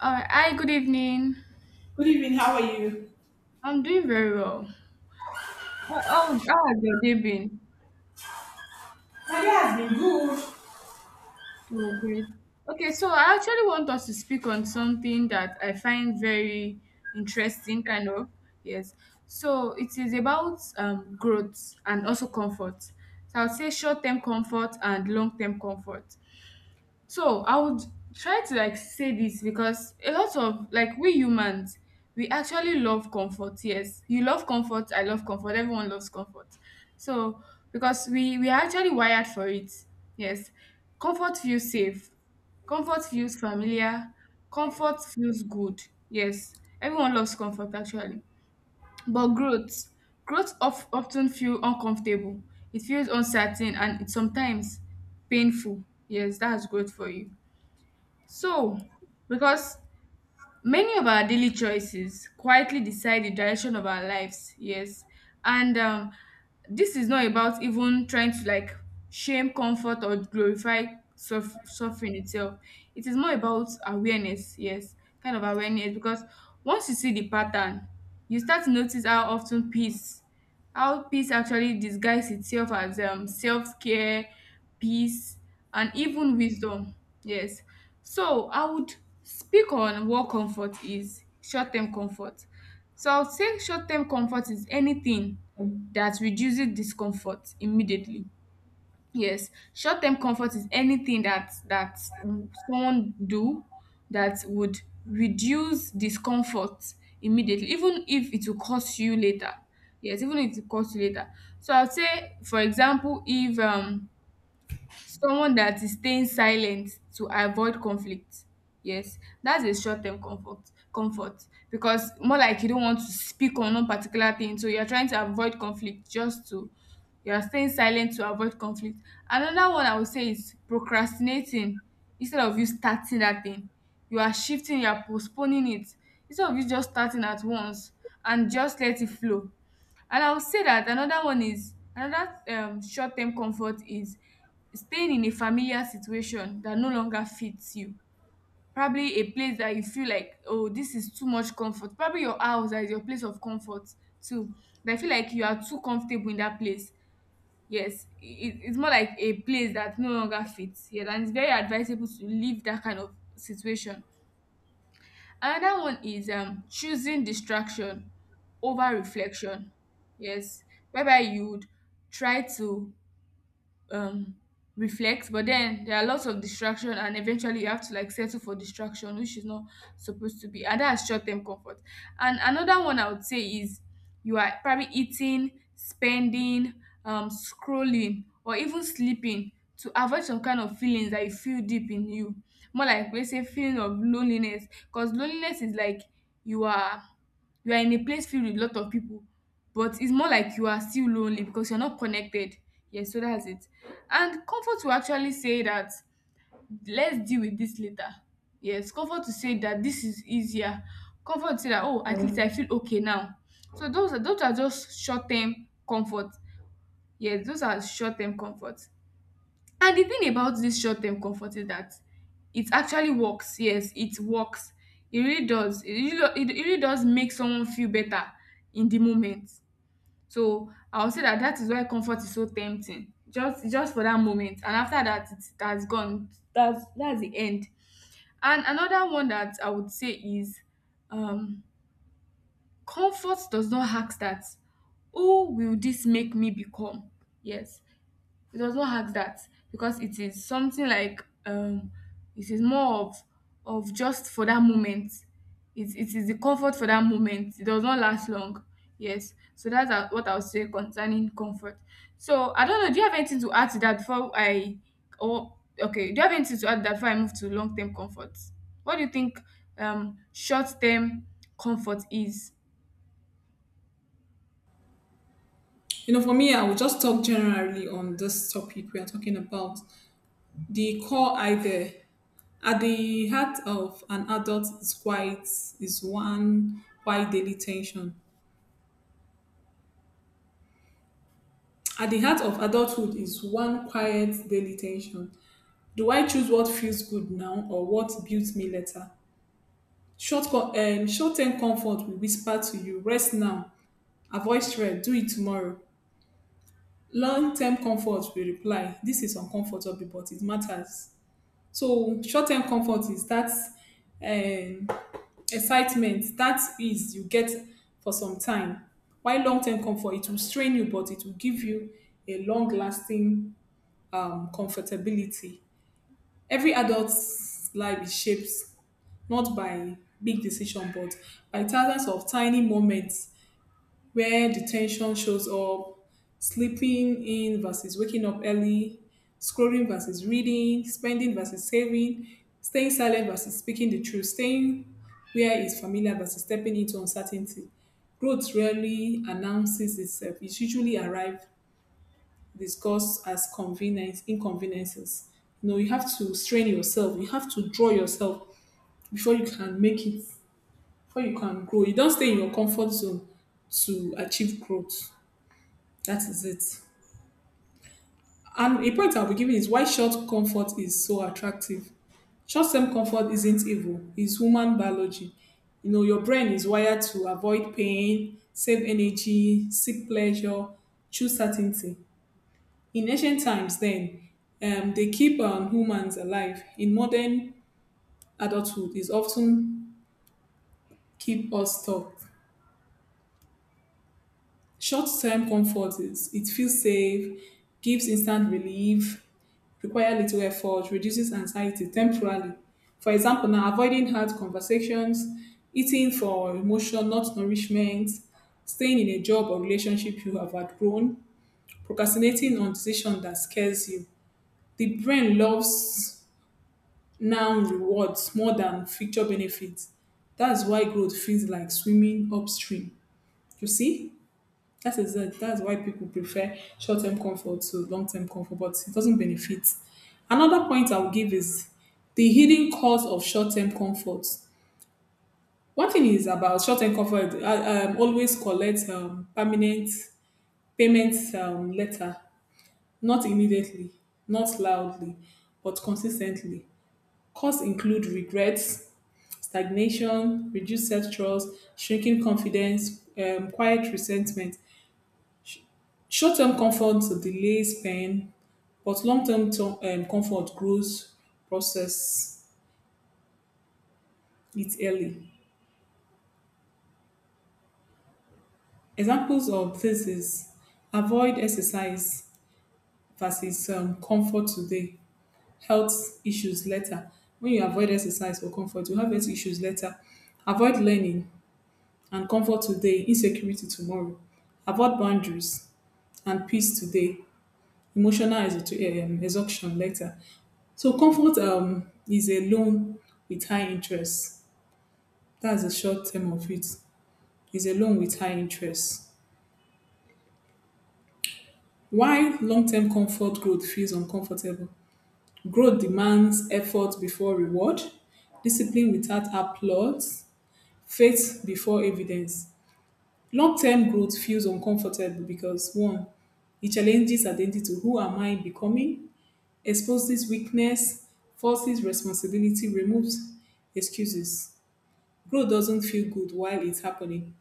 All right. Hi, good evening. Good evening. How are you? I'm doing very well. How has your day been? My day has been good. Oh, great. Okay, so I actually want us to speak on something that I find very interesting, kind of. Yes. So it is about growth and also comfort. So I would say short term comfort and long term comfort. So I would try to like say this because a lot of like we humans, we actually love comfort. Yes, you love comfort. I love comfort. Everyone loves comfort. So because we are actually wired for it. Yes, comfort feels safe. Comfort feels familiar. Comfort feels good. Yes, everyone loves comfort actually. But growth often feel uncomfortable. It feels uncertain and it's sometimes painful. Yes, that's growth for you. So, because many of our daily choices quietly decide the direction of our lives, yes. And this is not about even trying to like shame comfort or glorify suffering itself. It is more about awareness, yes, kind of awareness. Because once you see the pattern, you start to notice how peace actually disguises itself as self-care, peace, and even wisdom. Yes, so I would speak on what comfort is, short-term comfort. So I would say short-term comfort is anything that reduces discomfort immediately. Yes, short-term comfort is anything that someone do that would reduce discomfort immediately, even if it will cost you later. Yes, even if it costs you later. So I'll say, for example, if someone that is staying silent to avoid conflict. Yes, that's a short term comfort because more like you don't want to speak on one particular thing, so you're trying to avoid conflict just to, you're staying silent to avoid conflict. Another one I would say is procrastinating. Instead of you starting that thing, you are shifting, you are postponing it. Instead of you just starting at once and just let it flow. And I would say that another one is another short term comfort is staying in a familiar situation that no longer fits you. Probably a place that you feel like, oh, this is too much comfort. Probably your house that is your place of comfort too. But I feel like you are too comfortable in that place. Yes, it's more like a place that no longer fits. Yes, and it's very advisable to leave that kind of situation. Another one is choosing distraction over reflection. Yes, whereby you would try to um reflect, but then there are lots of distraction and eventually you have to like settle for distraction, which is not supposed to be, and that's short-term comfort. And another one I would say is you are probably eating, spending, scrolling, or even sleeping to avoid some kind of feelings that you feel deep in you, more like we say feeling of loneliness. Because loneliness is like you are you are in a place filled with a lot of people, but it's more like you are still lonely because you're not connected. Yes, so that's it. And comfort will actually say that let's deal with this later. Yes, comfort to say that this is easier. Comfort to say that, oh, at least I feel okay now. So those are just short term comfort. Yes, those are short term comfort. And the thing about this short term comfort is that it actually works. Yes, it works. It really does. It really does make someone feel better in the moment. So I would say that that is why comfort is so tempting. Just for that moment, and after that, it has gone. That's the end. And another one that I would say is, um, comfort does not ask that, who will this make me become? Yes, it does not hack that because it is something like, it is more of just for that moment. It is the comfort for that moment. It does not last long. Yes. So that's what I'll say concerning comfort. So I don't know. Do you have anything to add to that before I, or okay, do you have anything to add to that before I move to long term comfort? What do you think short term comfort is? You know, for me, I will just talk generally on this topic we are talking about. The core idea at the heart of an adult is quite is one quiet daily tension. At the heart of adulthood is one quiet daily tension. Do I choose what feels good now or what builds me later? Short-term comfort will whisper to you, rest now, avoid stress, do it tomorrow. Long-term comfort, we reply, this is uncomfortable, but it matters. So short-term comfort is that um, excitement, that ease you get for some time. While long-term comfort, it will strain you, but it will give you a long-lasting comfortability. Every adult's life is shaped not by big decision, but by thousands of tiny moments where the tension shows up: sleeping in versus waking up early, scrolling versus reading, spending versus saving, staying silent versus speaking the truth, staying where is familiar versus stepping into uncertainty. Growth rarely announces itself. It usually arrives discussed as convenience inconveniences. You know, you have to strain yourself, you have to draw yourself before you can make it, before you can grow. You don't stay in your comfort zone to achieve growth. That is it. And a point I'll be giving is why short comfort is so attractive. Short term comfort isn't evil, it's human biology. You know, your brain is wired to avoid pain, save energy, seek pleasure, choose certainty. In ancient times, then, they keep humans alive. In modern adulthood, is often keep us stuck. Short-term comfort is it feels safe, gives instant relief, require little effort, reduces anxiety temporarily. For example, now avoiding hard conversations, eating for emotion, not nourishment, staying in a job or relationship you have outgrown, procrastinating on decision that scares you. The brain loves now rewards more than future benefits. That's why growth feels like swimming upstream. You see? That's it. That's why people prefer short-term comfort to long-term comfort, but it doesn't benefit. Another point I will give is the hidden cost of short-term comfort. One thing is about short-term comfort. I always collect permanent payment letter, not immediately, not loudly, but consistently. Costs include regrets, stagnation, reduced self-trust, shrinking confidence, quiet resentment. Short-term comfort delays pain, but comfort grows process it early. Examples of this is avoid exercise versus comfort today, health issues later. When you avoid exercise or comfort, you have health issues later. Avoid learning and comfort today, insecurity tomorrow. Avoid boundaries and peace today, emotional exhaustion later. So comfort is a loan with high interest. That's the short term of it. Is a loan with high interest. Why long-term comfort growth feels uncomfortable, growth demands effort before reward, discipline without applause, faith before evidence. Long-term growth feels uncomfortable because one, it challenges identity. Who am I becoming? Exposes weakness, forces responsibility, removes excuses. Growth doesn't feel good while it's happening.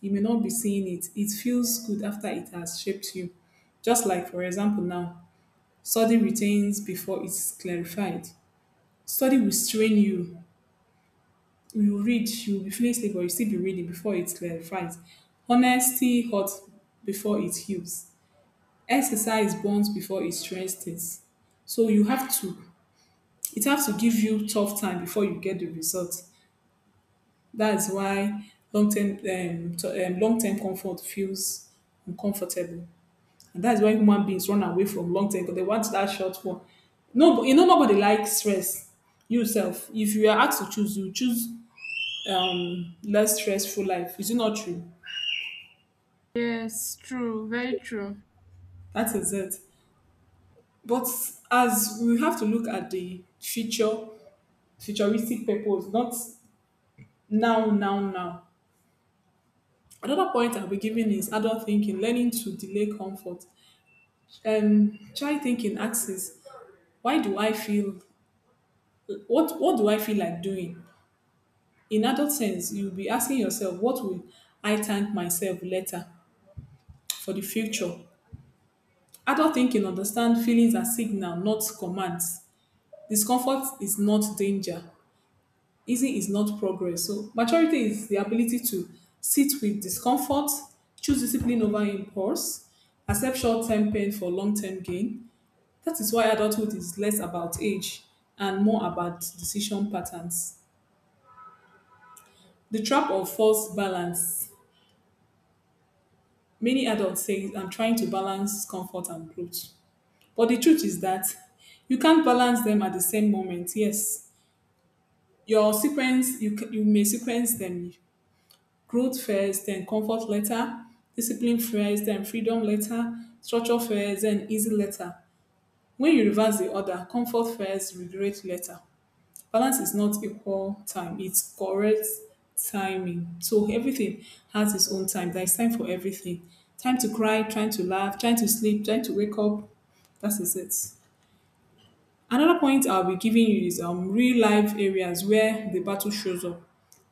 You may not be seeing it, it feels good after it has shaped you. Just like, for example, now, study retains before it's clarified. Study will strain you. You will read, you will be feeling sleep, but you still be reading before it clarifies. Honesty hurts before it heals. Exercise burns before it strengthens. So you have to, it has to give you tough time before you get the result. That's why long term comfort feels uncomfortable. And that's why human beings run away from long term because they want that short one. No, but you know nobody likes stress. You if you are asked to choose, you choose less stressful life. Is it not true? Yes, true, very true. That is it. But as we have to look at the future, futuristic purpose, not now, now, now. Another point I'll be giving is adult thinking, learning to delay comfort. Try thinking axis. Why do I feel what do I feel like doing? In adult sense, you'll be asking yourself, what will I thank myself later for the future? Adult thinking understand feelings as signal, not commands. Discomfort is not danger. Easy is not progress. So maturity is the ability to sit with discomfort, choose discipline over impulse, accept short-term pain for long-term gain. That is why adulthood is less about age and more about decision patterns. The trap of false balance. Many adults say I'm trying to balance comfort and growth. But the truth is that you can't balance them at the same moment. Yes, your sequence, you may sequence them growth first, then comfort later, discipline first, then freedom later, structure first, then easy later. When you reverse the order, comfort first, regret later. Balance is not equal time, it's correct timing. So everything has its own time. There's time for everything: time to cry, time to laugh, time to sleep, time to wake up. That is it. Another point I'll be giving you is real life areas where the battle shows up.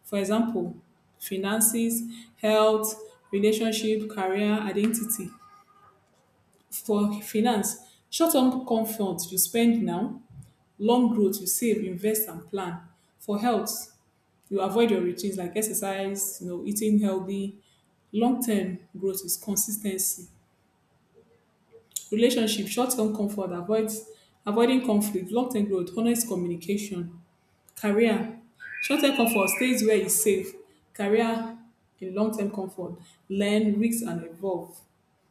For example, finances, health, relationship, career, identity. For finance, short-term comfort, you spend now. Long growth, you save, invest and plan. For health, you avoid your routines like exercise, you know, eating healthy. Long term growth is consistency. Relationship, short term comfort, avoiding conflict. Long term growth, honest communication. Career, short term comfort stays where it's safe. Career in long term comfort, learn, risk and evolve.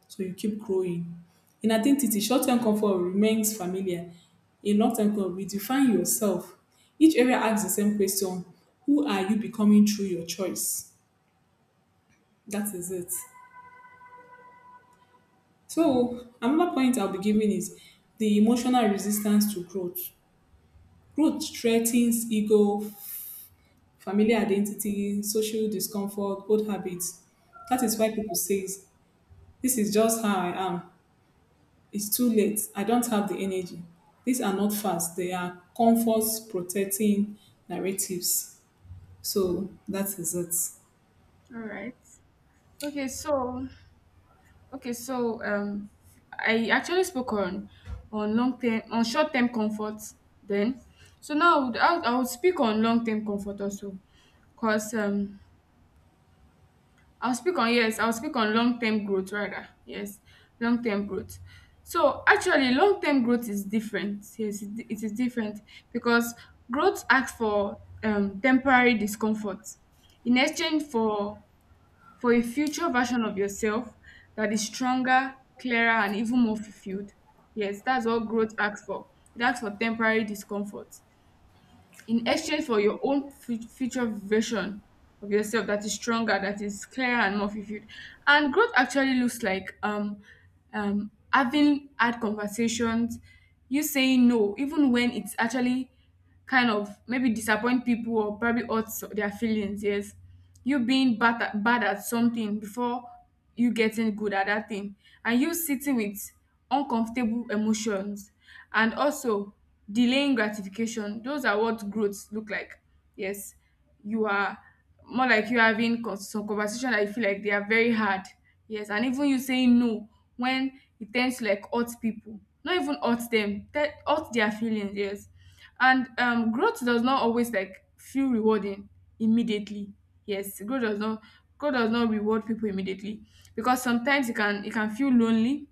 So you keep growing. In identity, short term comfort remains familiar. In long term comfort, redefine yourself. Each area asks the same question: who are you becoming through your choice? That is it. So another point I'll be giving is the emotional resistance to growth. Growth threatens ego, family identity, social discomfort, old habits. That is why people say, this is just how I am. It's too late. I don't have the energy. These are not facts. They are comfort protecting narratives. So that is it. All right. Okay, so Okay, so I actually spoke on long term on short term comfort then. So now I would speak on long term comfort also, cause I'll speak on, yes, I'll speak on long term growth rather, yes, long term growth. So actually long term growth is different, yes, it is different because growth asks for temporary discomfort in exchange for a future version of yourself that is stronger, clearer, and even more fulfilled. Yes, that's what growth asks for. It asks for temporary discomfort in exchange for your own future version of yourself that is stronger, that is clearer, and more fulfilled. And growth actually looks like having hard conversations, you saying no, even when it's actually kind of maybe disappoint people or probably hurts their feelings. Yes, you being bad at something before you getting good at that thing, and you sitting with uncomfortable emotions, and also delaying gratification. Those are what growth look like. Yes, you are more like you having some conversation that you feel like they are very hard, yes, and even you saying no when it tends to like hurt people, not even hurt them, that hurt their feelings, yes. And growth does not always like feel rewarding immediately. Yes, growth does not reward people immediately because sometimes it can feel lonely.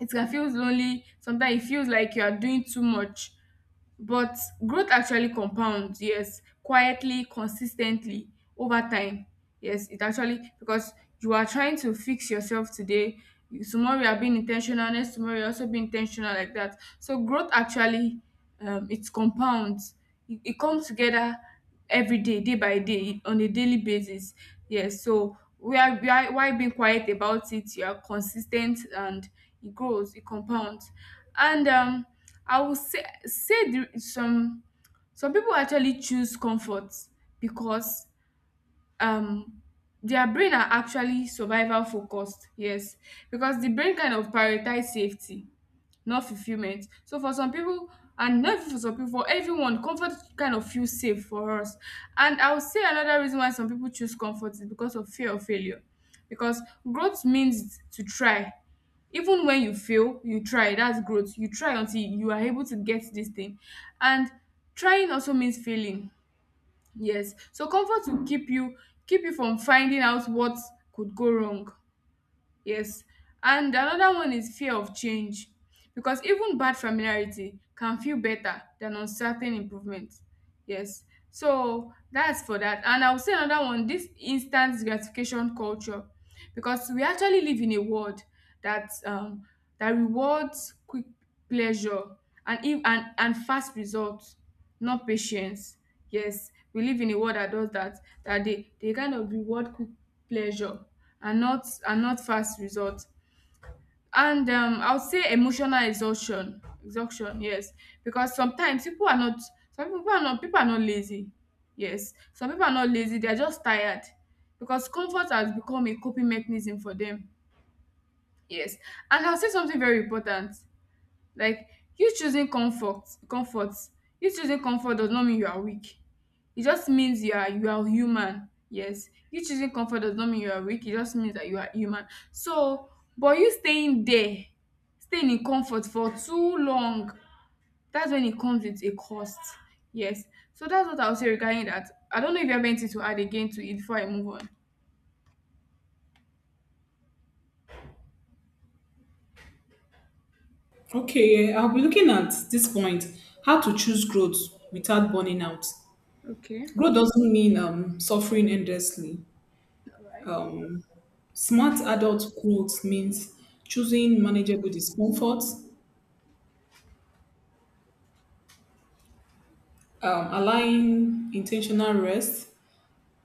It can feel lonely. Sometimes it feels like you are doing too much, but growth actually compounds, yes, quietly, consistently, over time. Yes, it actually, because you are trying to fix yourself today, tomorrow you are being intentional, next tomorrow you also being intentional, like that. So growth actually, it compounds, it comes together every day, day by day, on a daily basis. Yes, so we are while being quiet about it, you are consistent and it grows, it compounds. And I will say the, some people actually choose comfort because um their brain are actually survival focused. Yes, because the brain kind of prioritize safety, not fulfillment. So for some people, and not even for some people, for everyone, comfort kind of feels safe for us. And I would say another reason why some people choose comfort is because of fear of failure. Because growth means to try. Even when you fail, you try. That's growth. You try until you are able to get this thing. And trying also means failing. Yes. So comfort will keep you from finding out what could go wrong. Yes. And another one is fear of change. Because even bad familiarity can feel better than uncertain improvement. Yes. So that's for that. And I will say another one, this instant gratification culture. Because we actually live in a world that um, that rewards quick pleasure and, if, and fast results, not patience. Yes, we live in a world that does that, that they kind of reward quick pleasure and not fast results. And I would say emotional exhaustion, yes, because sometimes people are not some people are not, people are not lazy, yes, some people are not lazy. They are just tired because comfort has become a coping mechanism for them, yes. And I'll say something very important. Like you choosing comfort comfort you choosing comfort does not mean you are weak. It just means you are human. Yes. You choosing comfort does not mean you are weak. It just means that you are human. So but you staying there, staying in comfort for too long, that's when it comes with a cost. Yes. So that's what I'll say regarding that. I don't know if you have anything to add again to it before I move on. Okay, I'll be looking at this point how to choose growth without burning out. Okay. Growth doesn't mean suffering endlessly. All right. Um, Smart adult growth means choosing manageable discomfort, allowing intentional rest,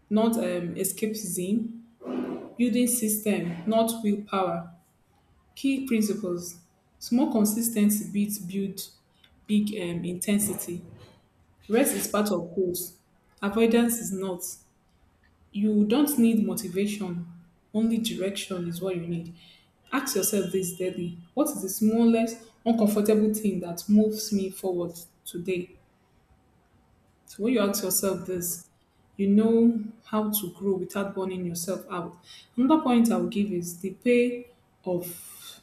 not escapism, building system, not willpower. Key principles: small consistency beats build big intensity. Rest is part of growth, avoidance is not. You don't need motivation, only direction is what you need. Ask yourself this daily: what is the smallest uncomfortable thing that moves me forward today? So, when you ask yourself this, you know how to grow without burning yourself out. Another point I'll give is the pay of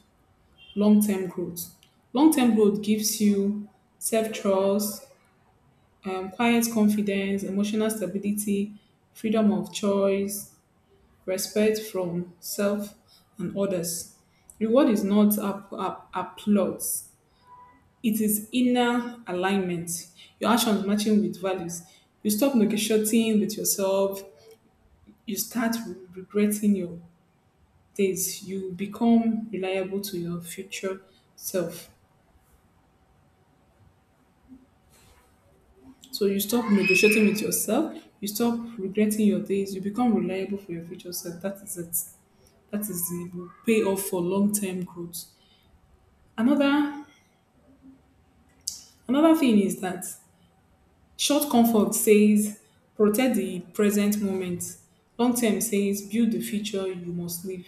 long term growth. Long term growth gives you self trust, quiet confidence, emotional stability, freedom of choice, respect from self and others. Reward is not applause, it is inner alignment. Your actions matching with values. You stop negotiating with yourself, you start regretting your days, you become reliable to your future self. So you stop negotiating with yourself, you stop regretting your days, you become reliable for your future self. That is it. That is the payoff for long term growth. Another Another thing is that short comfort says protect the present moment. Long term says build the future you must live.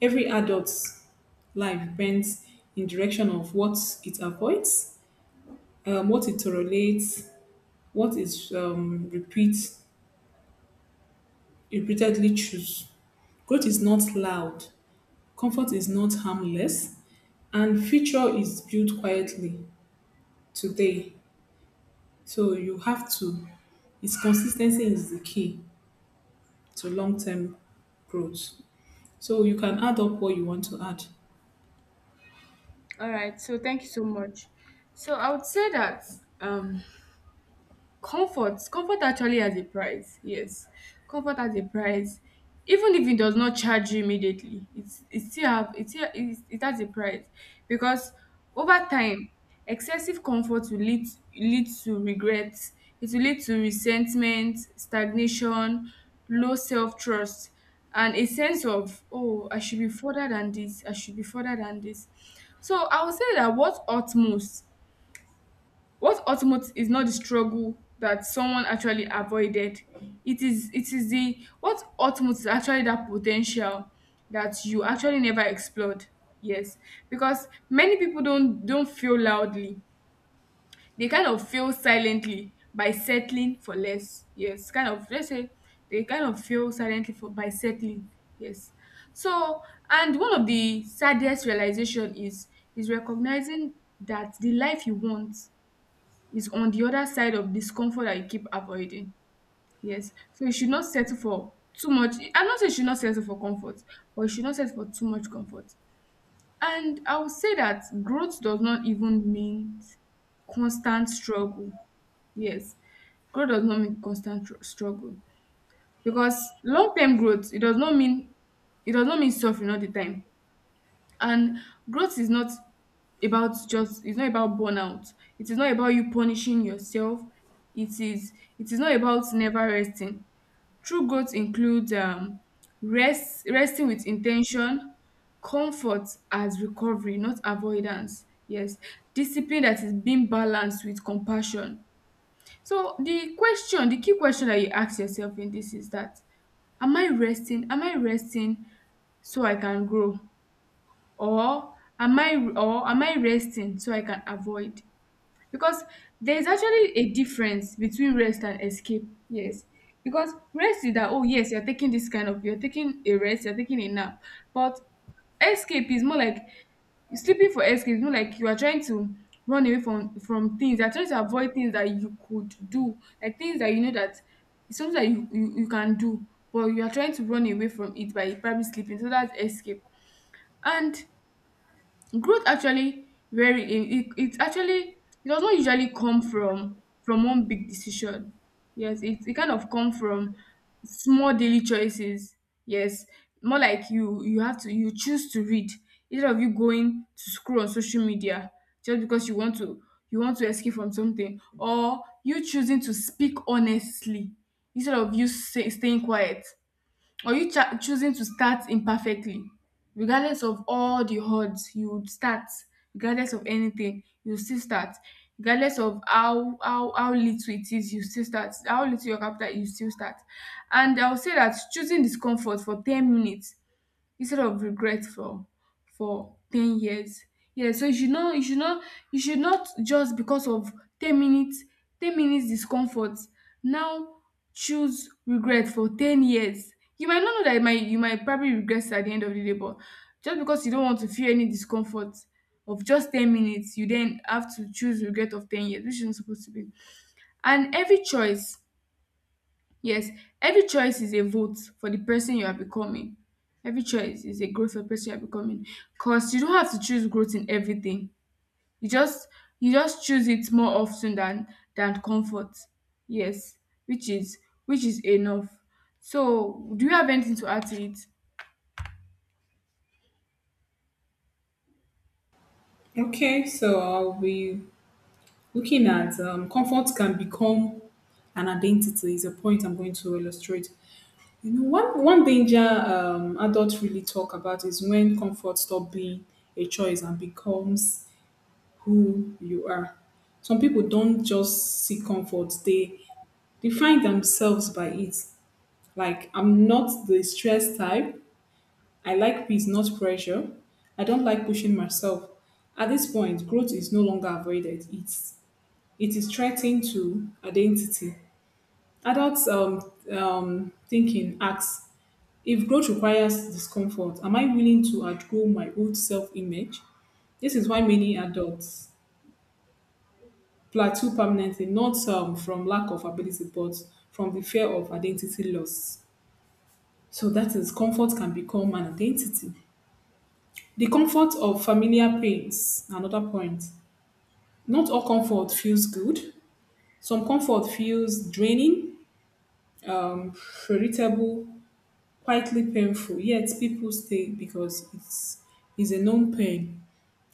Every adult's life bends in direction of what it avoids, what it tolerates, what it repeatedly choose. Growth is not loud, comfort is not harmless, and future is built quietly today. So you have to. Its consistency is the key to long-term growth. So you can add up what you want to add. All right. So thank you so much. So I would say that um comfort, comfort actually has a price. Yes, comfort has a price. Even if it does not charge you immediately, it's it still have it still it, it has a price because over time, excessive comfort will lead to regret. It will lead to resentment, stagnation, low self trust, and a sense of, oh, I should be further than this. I should be further than this. So I would say that what hurt most, what ultimate is not the struggle that someone actually avoided. It is the What ultimate is actually that potential that you actually never explored. Yes. Because many people don't feel loudly. They kind of feel silently by settling for less. Yes. Kind of, let's say they kind of feel silently for by settling. Yes. So and one of the saddest realization is recognizing that the life you want is on the other side of discomfort that you keep avoiding. Yes. So you should not settle for too much. I'm not saying you should not settle for comfort, but you should not settle for too much comfort. And I would say that growth does not even mean constant struggle. Yes. Growth does not mean constant struggle. Because long term growth, it does not mean it does not mean suffering all the time, and growth is not about just it's not about burnout. It is not about you punishing yourself. It is it is not about never resting. True growth includes resting with intention, comfort as recovery, not avoidance. Yes, discipline that is being balanced with compassion. So the question, the key question that you ask yourself in this is that am I resting? Am I resting so I can grow? Or am I resting so I can avoid? Because there is actually a difference between rest and escape. Yes. Because rest is that, oh yes, you're taking this kind of, you're taking a rest, you're taking a nap. But escape is more like sleeping for escape is more like you are trying to run away from things. You're trying to avoid things that you could do, like things that you know that it's something that you can do, but you are trying to run away from it by probably sleeping. So that's escape. And growth actually very it actually, it does not usually come from one big decision. Yes, it kind of come from small daily choices. Yes, more like you have to, you choose to read instead of you going to scroll on social media just because you want to, you want to escape from something, or you choosing to speak honestly instead of you, say, staying quiet, or you choosing to start imperfectly, regardless of all the odds you would start, regardless of anything you still start, regardless of how little it is you still start, how little your capital you still start. And I would say that choosing discomfort for 10 minutes instead of regret for 10 years. Yeah, so you should not, just because of 10 minutes, 10 minutes discomfort now, choose regret for 10 years. You might not know that, it might, you might probably regret it at the end of the day, but just because you don't want to feel any discomfort of just 10 minutes, you then have to choose regret of 10 years, which isn't supposed to be. And every choice, yes, every choice is a vote for the person you are becoming. Every choice is a growth for the person you are becoming. 'Cause you don't have to choose growth in everything. You just, you just choose it more often than comfort. Yes, which is, which is enough. So, do you have anything to add to it? Okay, so I'll be looking at comfort can become an identity is a point I'm going to illustrate. You know, one danger adults really talk about is when comfort stop being a choice and becomes who you are. Some people don't just seek comfort; they define themselves by it. Like I'm not the stress type. I like peace, not pressure. I don't like pushing myself. At this point, growth is no longer avoided. It is threatened to identity. Adults thinking asks if growth requires discomfort, am I willing to outgrow my old self-image? This is why many adults plateau permanently, not from lack of ability, but from the fear of identity loss. So that is comfort can become an identity. The comfort of familiar pains, another point. Not all comfort feels good. Some comfort feels draining, um, irritable, quietly painful. Yet people stay because it's is a known pain.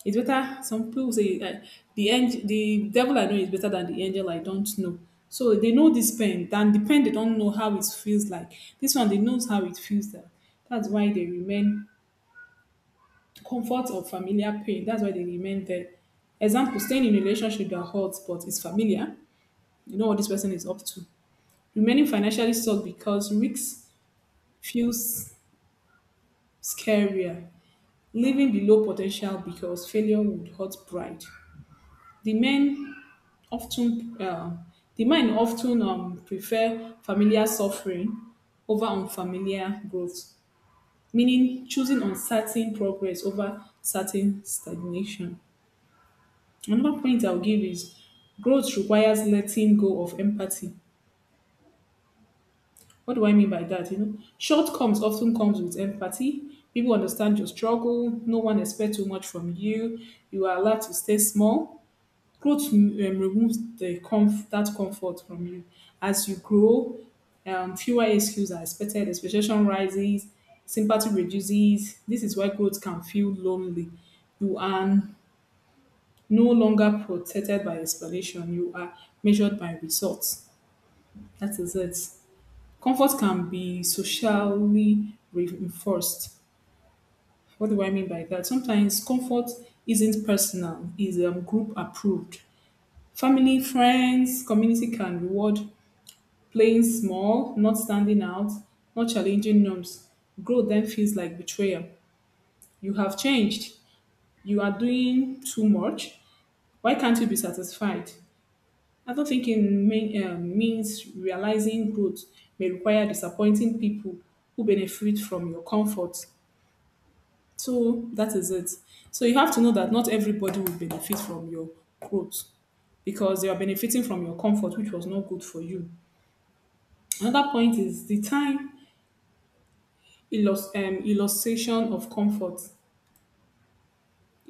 It's better. Some people say the angel, the devil I know is better than the angel I don't know. So they know this pain. Than the pain they don't know how it feels like. This one they knows how it feels. That's why they remain comfort of familiar pain. That's why they remain there. Example, staying in a relationship that hurts but is familiar. You know what this person is up to. Remaining financially stuck because risks feels scarier. Living below potential because failure would hurt pride. The men often, uh, the men often prefer familiar suffering over unfamiliar growth, meaning choosing uncertain progress over certain stagnation. Another point I'll give is growth requires letting go of empathy. What do I mean by that? You know, shortcomings often comes with empathy. People understand your struggle. No one expects too much from you. You are allowed to stay small. Growth removes that comfort from you. As you grow, fewer excuses are expected. Expectation rises. Sympathy reduces. This is why growth can feel lonely. You are no longer protected by explanation. You are measured by results. That is it. Comfort can be socially reinforced. What do I mean by that? Sometimes comfort isn't personal, is group approved. Family, friends, community can reward playing small, not standing out, not challenging norms. Growth then feels like betrayal. You have changed. You are doing too much. Why can't you be satisfied? Adult thinking means realizing growth may require disappointing people who benefit from your comfort. So that is it. So you have to know that not everybody will benefit from your growth because they are benefiting from your comfort, which was not good for you. Another point is the illustration of comfort.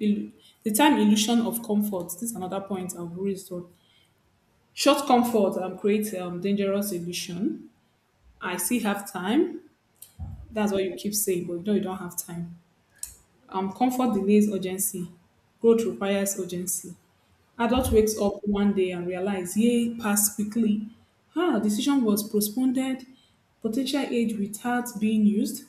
Ill- the time illusion of comfort. This is another point I've raised on. Short comfort creates dangerous illusion. I still have time. That's what you keep saying, but you know you don't have time. Comfort delays urgency. Growth requires urgency. Adult wakes up one day and realize, yay, passed quickly. Ah, decision was postponed. Potential age without being used.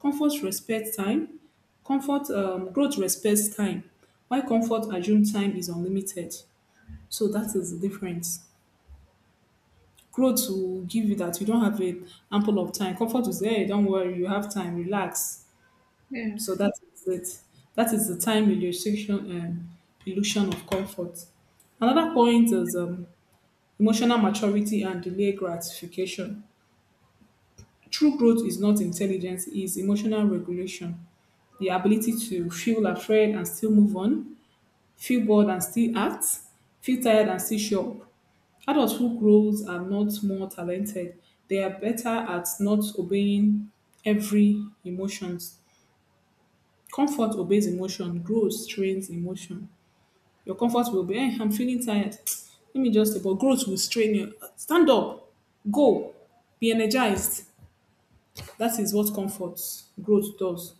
Comfort respects time. Comfort Growth respects time. Why comfort assume time is unlimited? So that is the difference. Growth will give you that you don't have a ample of time. Comfort will say, hey, don't worry, you have time, relax. Yeah, So that is it. That is the time illustration illusion of comfort. Another point is emotional maturity and delayed gratification. True growth is not intelligence, it is emotional regulation. The ability to feel afraid and still move on, feel bored and still act, feel tired and still show up. Adults who grows are not more talented. They are better at not obeying every emotions. Comfort obeys emotion, growth trains emotion. Your comfort will be, hey, I'm feeling tired. Let me just, but growth will strain you. Stand up, go, be energized. That is what comfort, growth does.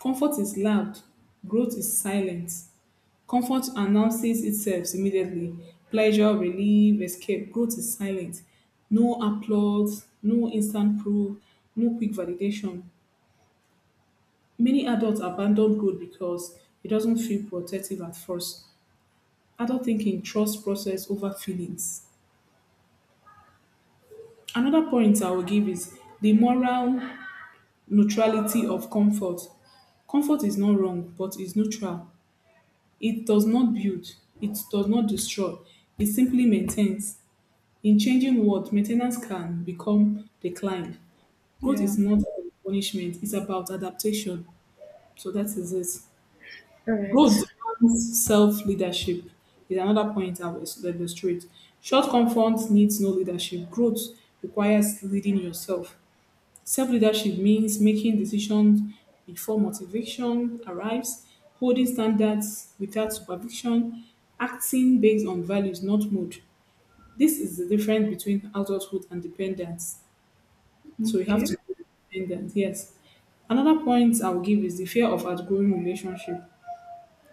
Comfort is loud, growth is silent. Comfort announces itself immediately. Pleasure, relief, escape. Growth is silent. No applause, no instant proof, no quick validation. Many adults abandon growth because it doesn't feel protective at first. Adult thinking trusts process over feelings. Another point I will give is the moral neutrality of comfort. Comfort is not wrong, but is neutral. It does not build, it does not destroy, it simply maintains. In changing world, maintenance can become decline. Growth yeah. is not about punishment, it's about adaptation. So that is it. All right. Growth demands self leadership, is another point I will illustrate. Short comfort needs no leadership. Growth requires leading yourself. Self leadership means making decisions before motivation arrives, holding standards without supervision, acting based on values, not mood. This is the difference between adulthood and dependence. So you have Okay. to be dependent, yes. Another point I'll give is the fear of outgrowing relationship.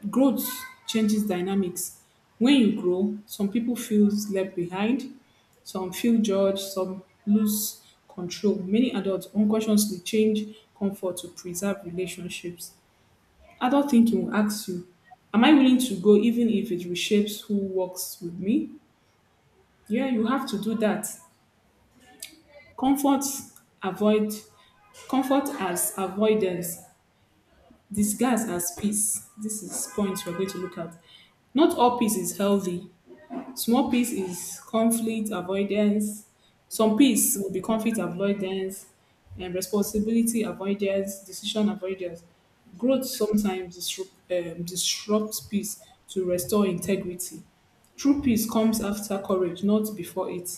Growth changes dynamics. When you grow, some people feel left behind, some feel judged, some lose control. Many adults unconsciously change comfort to preserve relationships. Adult thinking will ask you, am I willing to go even if it reshapes who works with me? Yeah, you have to do that. Comfort avoid Comfort as avoidance, disguise as peace. This is points we're going to look at. Not all peace is healthy. Small peace is conflict avoidance. Some peace will be conflict avoidance and responsibility avoidance, decision avoidance. Growth sometimes disrupts peace to restore integrity. True peace comes after courage, not before it.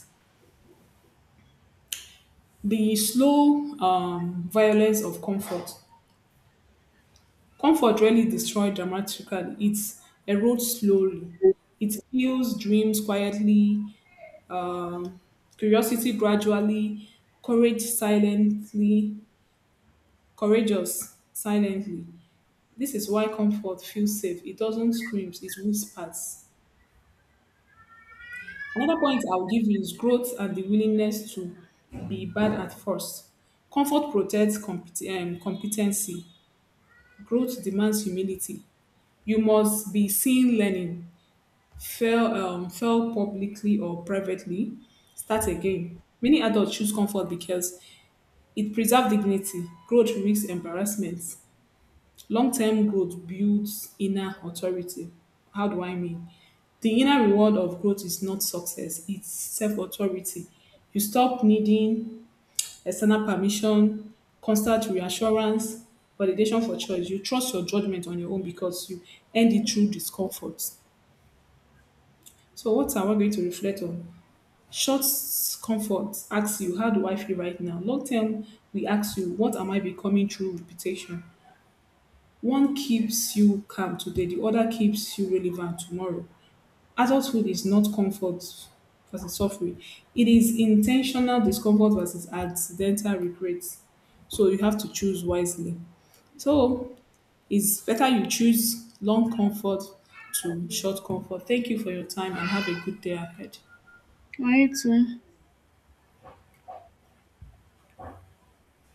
The slow violence of comfort. Comfort rarely destroys dramatically, it erodes slowly. It kills dreams quietly, curiosity gradually, courage silently, courageous silently. This is why comfort feels safe. It doesn't scream, it whispers. Another point I'll give you is growth and the willingness to be bad at first. Comfort protects competency. Growth demands humility. You must be seen learning, fail publicly or privately, start again. Many adults choose comfort because it preserves dignity, growth risks embarrassment. Long term growth builds inner authority. How do I mean? The inner reward of growth is not success, it's self authority. You stop needing external permission, constant reassurance, validation for choice. You trust your judgment on your own because you end it through discomfort. So, what am I going to reflect on? Short comfort asks you, how do I feel right now? Long term, we ask you, what am I becoming through reputation? One keeps you calm today, the other keeps you relevant tomorrow. Adulthood is not comfort versus suffering. It is intentional discomfort versus accidental regret. So you have to choose wisely. So it's better you choose long comfort to short comfort. Thank you for your time and have a good day ahead. I too.